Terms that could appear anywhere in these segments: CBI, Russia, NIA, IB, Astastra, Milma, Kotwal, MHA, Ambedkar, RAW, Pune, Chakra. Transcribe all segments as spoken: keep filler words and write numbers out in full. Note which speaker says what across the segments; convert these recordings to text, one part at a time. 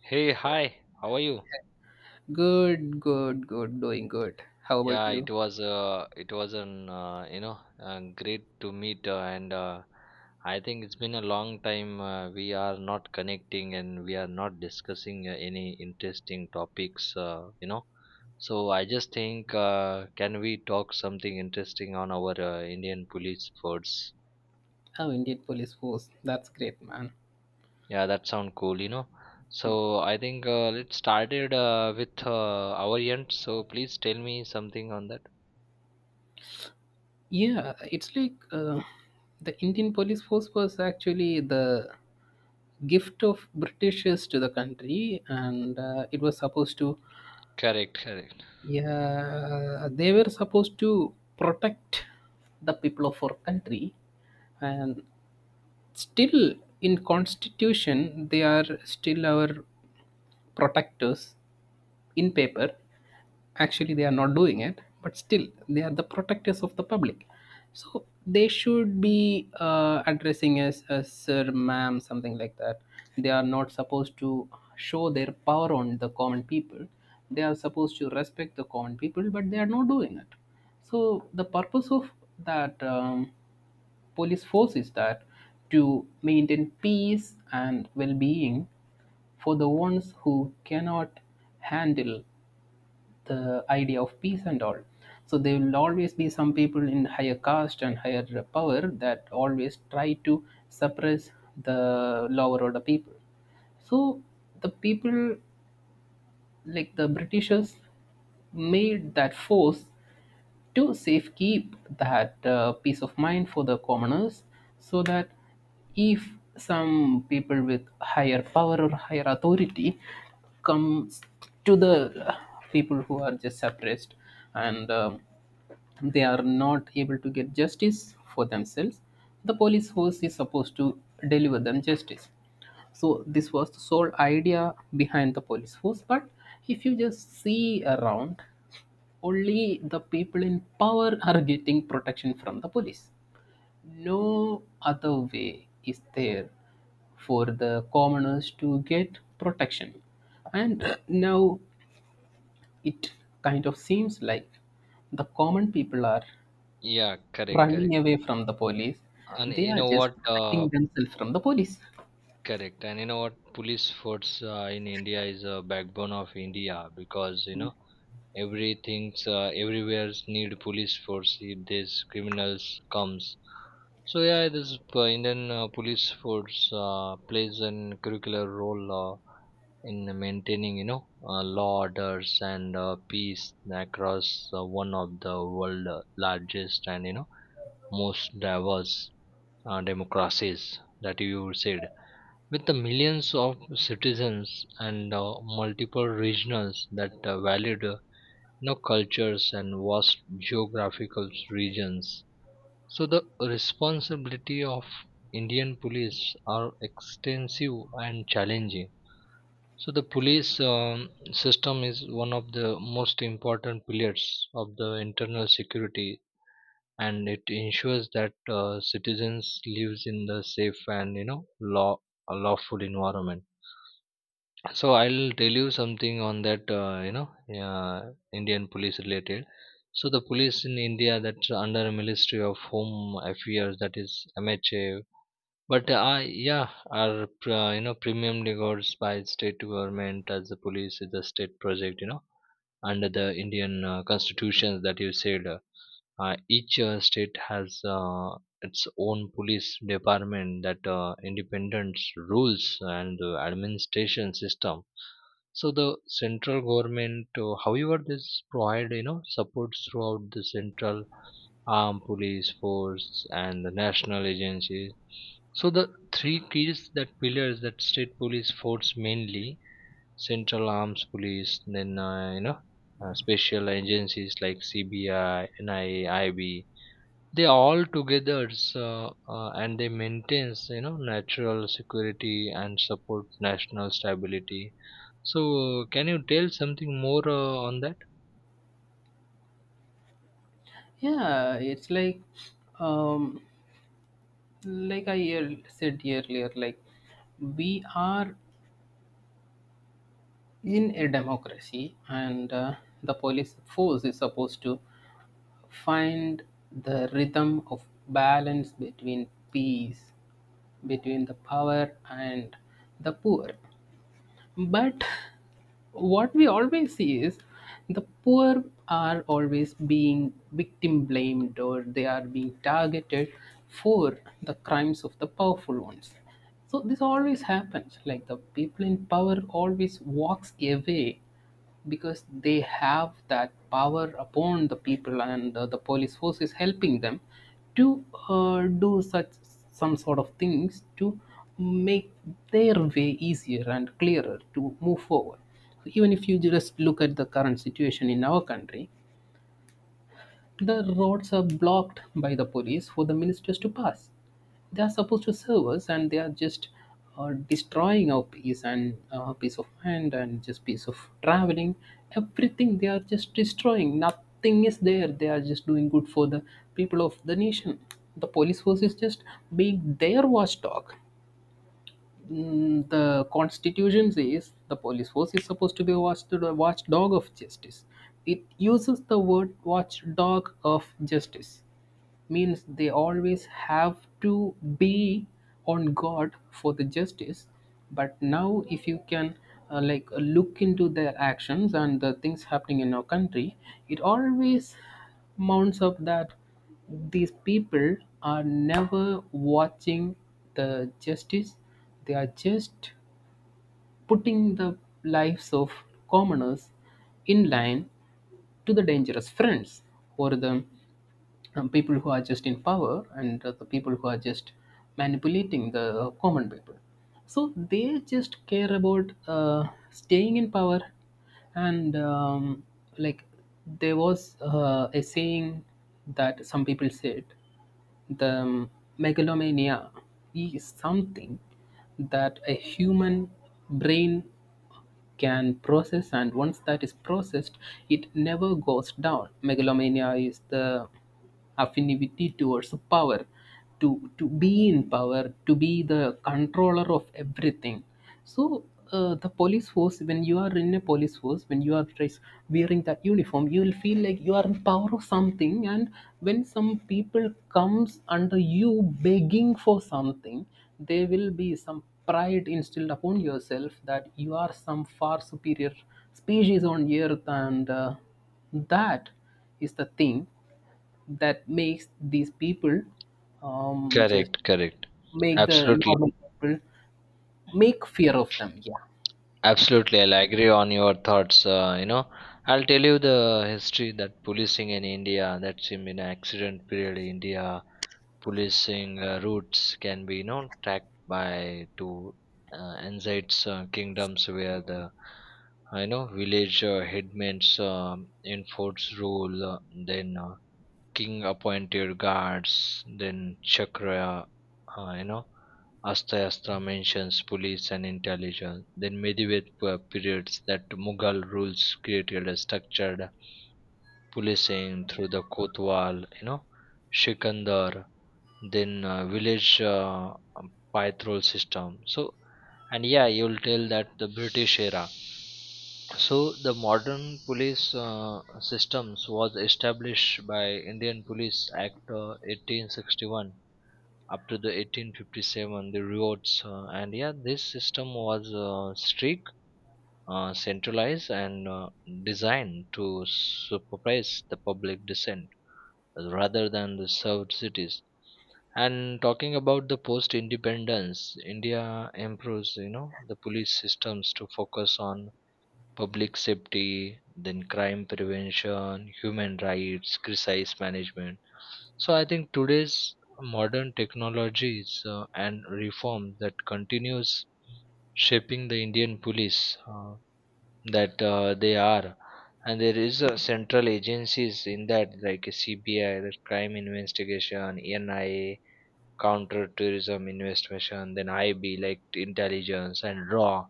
Speaker 1: Hey, hi. How are you?
Speaker 2: Good, good, good, doing good. How about
Speaker 1: Yeah,
Speaker 2: you?
Speaker 1: it was uh, it was an uh, you know uh, great to meet uh, and uh, I think it's been a long time uh, we are not connecting and we are not discussing uh, any interesting topics uh, you know. So I just think uh, can we talk something interesting on our uh, Indian police force?
Speaker 2: Oh, Indian police force. That's great, man.
Speaker 1: Yeah, that sound cool, you know. So I think uh, let's started uh, with uh, our end. So please tell me something on that.
Speaker 2: Yeah, it's like, uh, the Indian police force was actually the gift of Britishers to the country, and uh, it was supposed to,
Speaker 1: Correct, correct.
Speaker 2: yeah, they were supposed to protect the people of our country, and still in constitution they are still our protectors in paper. Actually they are not doing it, but still they are the protectors of the public. So they should be uh, addressing as a sir, ma'am, something like that. They are not supposed to show their power on the common people. They are supposed to respect the common people, but they are not doing it. So the purpose of that um, police force is that to maintain peace and well-being for the ones who cannot handle the idea of peace and all. So there will always be some people in higher caste and higher power that always try to suppress the lower order people. So the people, like the Britishers, made that force to safekeep that uh, peace of mind for the commoners, so that if some people with higher power or higher authority comes to the uh, people who are just suppressed, and um, they are not able to get justice for themselves, the police force is supposed to deliver them justice. So this was the sole idea behind the police force, but if you just see around, only the people in power are getting protection from the police. No other way is there for the commoners to get protection. And now it kind of seems like the common people are
Speaker 1: Yeah, correct,
Speaker 2: running
Speaker 1: correct.
Speaker 2: away from the police.
Speaker 1: And
Speaker 2: They
Speaker 1: you
Speaker 2: are
Speaker 1: know
Speaker 2: just
Speaker 1: what? Uh,
Speaker 2: protecting themselves from the police.
Speaker 1: correct. And you know what? Police force uh, in India is a backbone of India, because you know everything's uh, everywhere's need police force if these criminals comes. So yeah, this uh, Indian uh, police force uh, plays an curricular role uh, in maintaining you know uh, law orders and uh, peace across uh, one of the world uh, largest and you know most diverse uh, democracies that you said, with the millions of citizens and uh, multiple regions that uh, valued uh, you know, cultures and vast geographical regions. So the responsibility of indian police are extensive and challenging. So the police um, system is one of the most important pillars of the internal security, and it ensures that uh, citizens lives in the safe and you know law a lawful environment. So I'll tell you something on that uh, you know uh, Indian police related. So the police in india, that's under a ministry of home affairs, that is M H A. but uh, yeah, are uh, you know premium regards by state government, as the police is a state project, you know, under the indian uh, constitution that you said uh, uh, each uh, state has uh, its own police department that uh, independent rules and uh, administration system. So the central government, uh, however, this provide you know supports throughout the central armed police force and the national agencies. So the three keys that pillars that state police force mainly central arms police, then uh, you know uh, special agencies like C B I, N I A, I B, they all together uh, uh, and they maintains you know natural security and support national stability. So can you tell something more uh, on that?
Speaker 2: Yeah, it's like, um, like I ear- said earlier, like we are in a democracy, and uh, the police force is supposed to find the rhythm of balance between peace, between the power and the poor. But what we always see is the poor are always being victim blamed, or they are being targeted for the crimes of the powerful ones. So this always happens, like the people in power always walks away because they have that power upon the people, and uh, the police force is helping them to uh, do such some sort of things to make their way easier and clearer to move forward. So even if you just look at the current situation in our country, the roads are blocked by the police for the ministers to pass. They are supposed to serve us, and they are just uh, destroying our peace and uh, peace of mind and just peace of traveling. Everything they are just destroying. Nothing is there. They are just doing good for the people of the nation. The police force is just being their watchdog. Mm, the constitution says the police force is supposed to be a watch- watchdog of justice. It uses the word watchdog of justice, means they always have to be on God for the justice. But now, if you can uh, like uh, look into their actions and the things happening in our country, it always mounts up that these people are never watching the justice. They are just putting the lives of commoners in line to the dangerous friends, or the um, people who are just in power, and uh, the people who are just manipulating the uh, common people. So they just care about uh, staying in power, and um, like there was uh, a saying that some people said, the megalomania is something that a human brain can process, and once that is processed, it never goes down. Megalomania is the affinity towards power, to, to be in power, to be the controller of everything. So uh, the police force, when you are in a police force, when you are dressed wearing that uniform, you will feel like you are in power of something. And when some people comes under you begging for something, there will be some pride instilled upon yourself that you are some far superior species on earth, and uh, that is the thing that makes these people um, just
Speaker 1: Correct, correct.
Speaker 2: make the
Speaker 1: Absolutely.
Speaker 2: normal people make fear of them. Yeah.
Speaker 1: Absolutely, I'll agree on your thoughts. Uh, you know, I'll tell you the history that policing in India, that's in an accident period, India policing uh, routes can be, you know, tracked by to uh, Anzaid's uh, kingdoms where the, uh, you know, village uh, headmen um enforce rule. Uh, then uh, king appointed guards, then Chakra, uh, you know, Astastra mentions police and intelligence. Then medieval pe- periods that Mughal rules created a structured policing through the Kotwal, you know, Shikandar, then uh, village uh, um, patrol system. So, and yeah, you'll tell that the British era. So the modern police uh, systems was established by Indian Police Act uh, eighteen sixty-one, up to the eighteen fifty-seven the riots uh, and yeah this system was uh, strict uh, centralized and uh, designed to supervise the public dissent rather than the served cities. And talking about the post independence india improves you know the police systems to focus on public safety, then crime prevention, human rights, crisis management. So I think today's modern technologies uh, and reform that continues shaping the Indian police uh, that uh, they are. And there is a central agencies in that like a C B I, the crime investigation, N I A, counter tourism investigation, then I B like intelligence and RAW.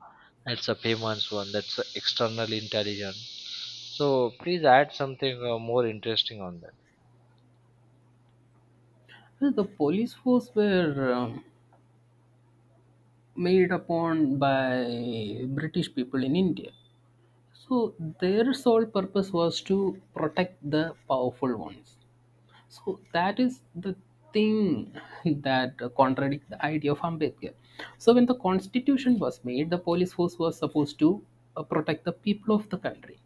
Speaker 1: That's a famous one. That's a external intelligence. So please add something uh, more interesting on that.
Speaker 2: Well, the police force were um, made upon by British people in India. So their sole purpose was to protect the powerful ones. So that is the thing that contradicts the idea of Ambedkar. So when the constitution was made, the police force was supposed to uh, protect the people of the country.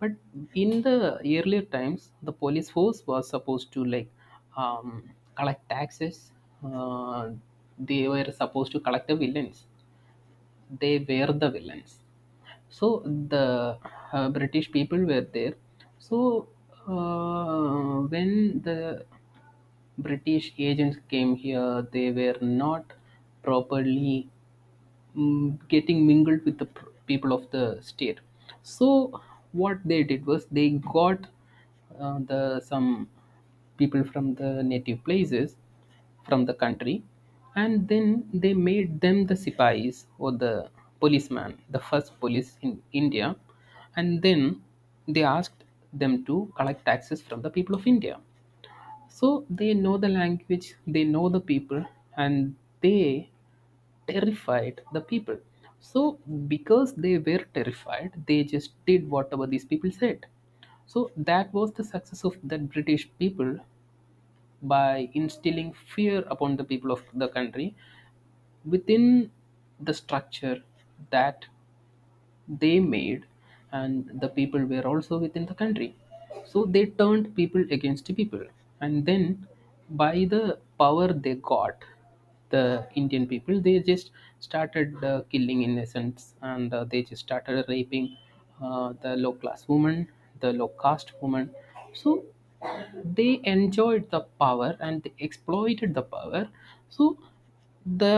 Speaker 2: But in the earlier times, the police force was supposed to like um, collect taxes. Uh, they were supposed to collect the villains. They were the villains, so the uh, British people were there. So uh, when the British agents came here, they were not properly mm, getting mingled with the pr- people of the state. So what they did was, they got uh, the some people from the native places, from the country, and then they made them the sipais, or the policeman, the first police in india. And then they asked them to collect taxes from the people of india. So they know the language, they know the people, and they terrified the people. So because they were terrified, they just did whatever these people said. So that was the success of that British people, by instilling fear upon the people of the country within the structure that they made, and the people were also within the country. So they turned people against people. And then, by the power they got, the indian people they just started uh, killing innocents, and uh, they just started raping uh, the low class woman, the low caste woman. So they enjoyed the power and they exploited the power. So the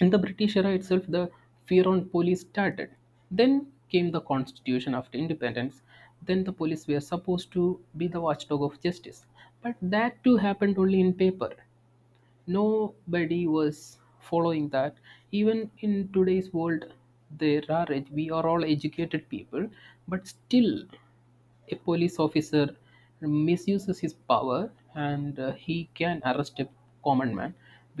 Speaker 2: in the British era itself, the fear on police started. Then came the constitution after independence. Then the police were supposed to be the watchdog of justice. But that too happened only in paper. Nobody was following that. Even in today's world, there are ed- we are all educated people, but still a police officer misuses his power, and uh, he can arrest a common man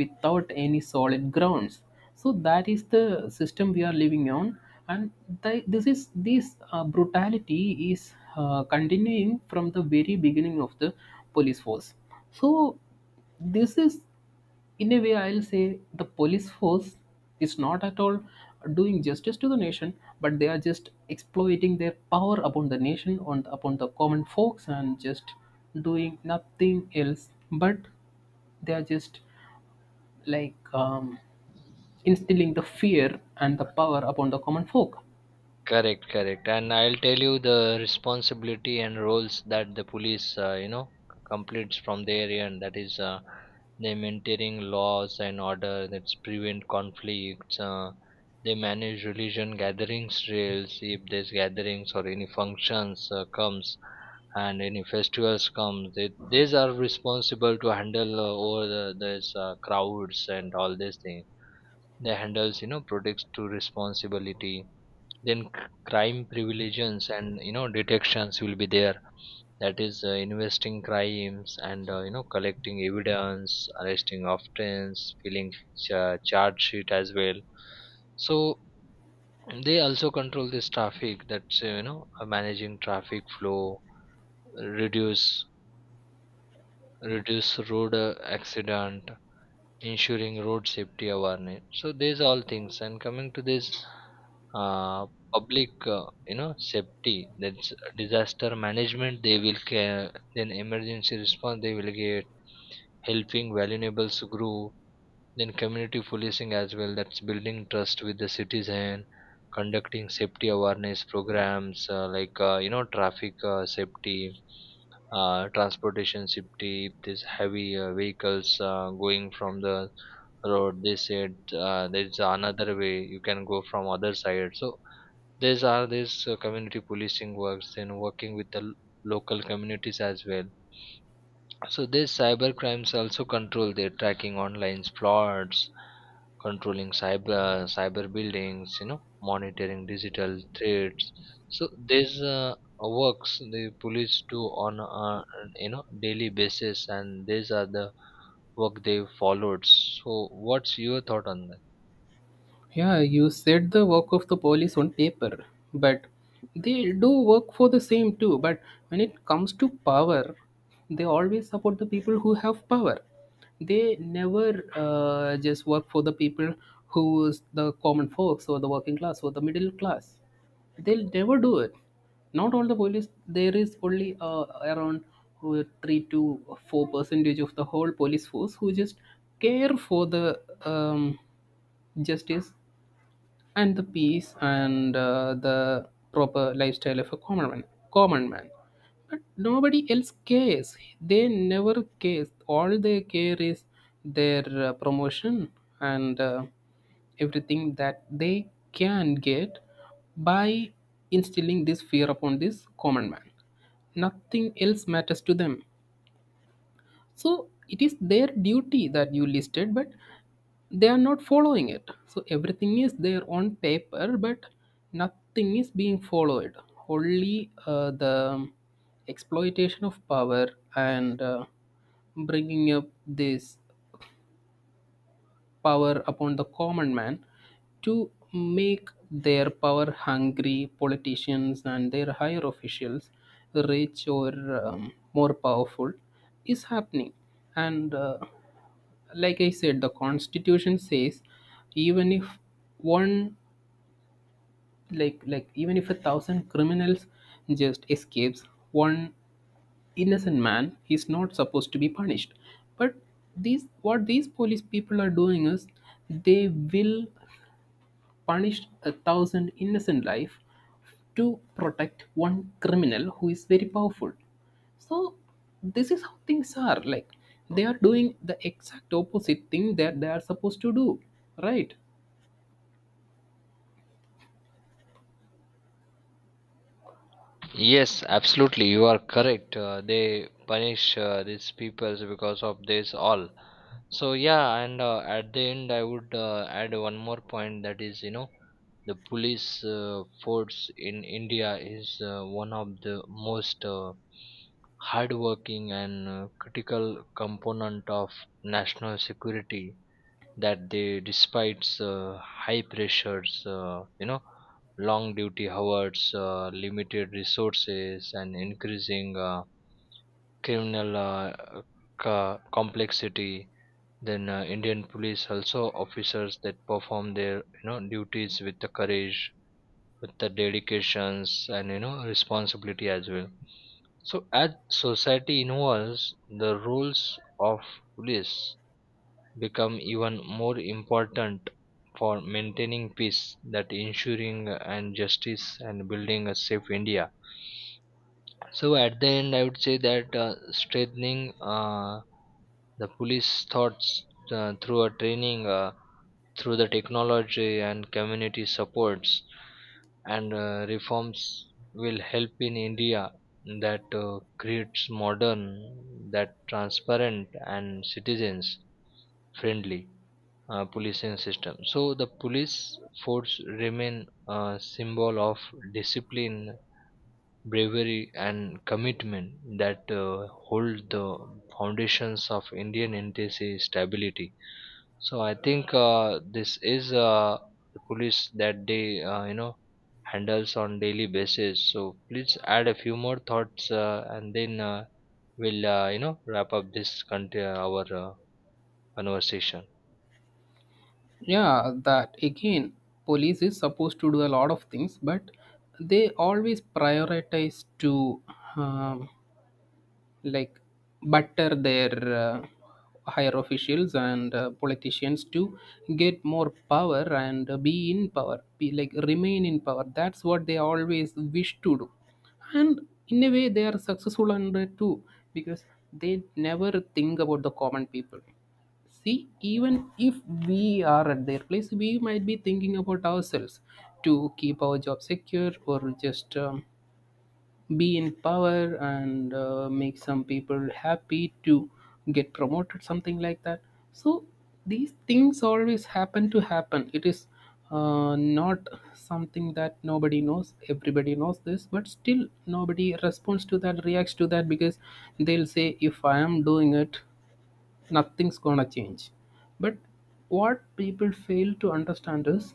Speaker 2: without any solid grounds. So that is the system we are living on. And th- this is this uh, brutality is uh, continuing from the very beginning of the police force. So this is, in a way I'll say, the police force is not at all doing justice to the nation, but they are just exploiting their power upon the nation, on upon the common folks, and just doing nothing else. But they are just like um, instilling the fear and the power upon the common folk.
Speaker 1: Correct, correct. And I'll tell you the responsibility and roles that the police, uh, you know, c- completes from their end. That is, uh, they maintaining laws and order. That's prevent conflicts. Uh, they manage religion gatherings, trails if there's gatherings or any functions uh, comes and any festivals comes. They, these are responsible to handle uh, all the, these uh, crowds and all these things. They handles you know products to responsibility, then c- crime preventions and you know detections will be there, that is uh, investing crimes and uh, you know collecting evidence, arresting offense, filling cha- charge sheet as well. So they also control this traffic, that's uh, you know uh, managing traffic flow, reduce reduce road uh, accident, ensuring road safety awareness. So these all things, and coming to this uh, public uh, you know safety, that's disaster management they will care, then emergency response they will get, helping vulnerables grow, then community policing as well, that's building trust with the citizen, conducting safety awareness programs uh, like uh, you know traffic uh, safety uh, transportation safety. These heavy uh, vehicles uh, going from the road, they said uh, there's another way you can go from other side. So these are these uh, community policing works, and working with the l- local communities as well. So these cyber crimes also control, their tracking online plots, controlling cyber cyber buildings, you know, monitoring digital threats. So these uh, works the police do on a you know daily basis, and these are the work they followed. So what's your thought on that?
Speaker 2: Yeah, you said the work of the police on paper, but they do work for the same too. But when it comes to power, they always support the people who have power. They never uh, just work for the people who is the common folks or the working class or the middle class. They'll never do it. Not all the police. There is only uh, around uh, three to four percentage of the whole police force who just care for the um, justice and the peace and uh, the proper lifestyle of a common man common man But nobody else cares, they never cares, all they care is their uh, promotion, and uh, everything that they can get by instilling this fear upon this common man. Nothing else matters to them. So it is their duty that you listed, but they are not following it. So everything is there on paper, but nothing is being followed. Only uh, the exploitation of power, and uh, bringing up this power upon the common man to make their power hungry politicians and their higher officials rich, or um, more powerful, is happening. And uh, like I said, the constitution says, even if one, like like even if a thousand criminals just escapes, one innocent man, he's not supposed to be punished. But these, what these police people are doing, is they will punish a thousand innocent life to protect one criminal who is very powerful. So this is how things are, like they are doing the exact opposite thing that they are supposed to do, right?
Speaker 1: Yes, absolutely. You are correct. Uh, they punish uh, these people because of this all. So yeah, and uh, at the end, I would uh, add one more point, that is, you know, the police uh, force in India is uh, one of the most uh, hardworking and uh, critical component of national security, that they despite uh, high pressures uh, you know long duty hours uh, limited resources and increasing uh, criminal uh, co- complexity. Then uh, indian police also officers that perform their you know duties with the courage, with the dedications and you know responsibility as well. So as society involves, the roles of police become even more important for maintaining peace, that ensuring uh, and justice and building a safe india. So at the end, I would say that uh, strengthening uh, the police thoughts uh, through a training, uh, through the technology and community supports and uh, reforms will help in India, that uh, creates modern, that transparent and citizens friendly uh, policing system. So the police force remain a symbol of discipline, bravery and commitment, that uh, hold the foundations of Indian N T C stability. So I think uh, this is uh, the police that they uh, you know handles on daily basis. So please add a few more thoughts uh, and then uh, we'll uh, you know wrap up this country our uh, conversation.
Speaker 2: Yeah, that again, police is supposed to do a lot of things, but they always prioritize to um, like butter their uh, higher officials and uh, politicians to get more power, and uh, be in power, be like remain in power. That's what they always wish to do. And in a way they are successful under too, because they never think about the common people. See, even if we are at their place, we might be thinking about ourselves to keep our job secure, or just um, be in power, and uh, make some people happy to get promoted, something like that. So these things always happen to happen. It is uh, not something that nobody knows, everybody knows this, but still nobody responds to that, reacts to that, because they'll say if I am doing it, nothing's gonna change. But what people fail to understand is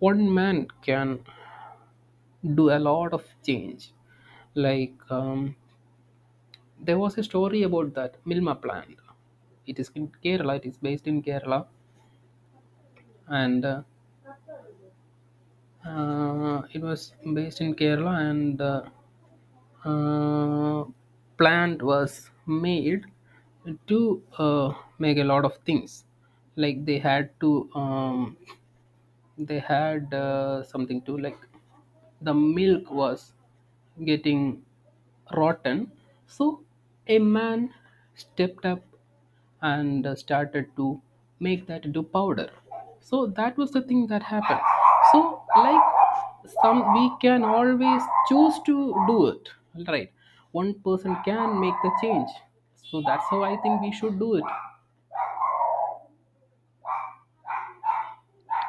Speaker 2: one man can do a lot of change. Like um, there was a story about that Milma plant. It is in Kerala. It is based in Kerala, and uh, uh, it was based in Kerala. And uh, uh, plant was made to uh, make a lot of things. Like they had to um, they had uh, something to, like, the milk was getting rotten. So a man stepped up, and uh, started to make that into powder. So that was the thing that happened. So like some, we can always choose to do it, right? One person can make the change. So that's how I think we should do it.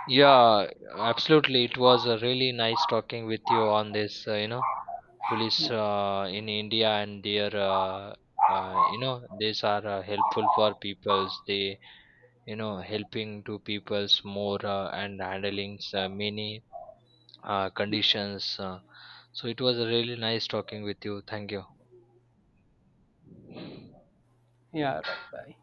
Speaker 1: Yeah, absolutely. It was uh, really nice talking with you on this, uh, you know, police uh, in India and their, uh, uh, you know, these are uh, helpful for peoples. They, you know, helping to peoples more uh, and handling uh, many uh, conditions. Uh, so it was really nice talking with you. Thank you.
Speaker 2: Yeah, right, bye.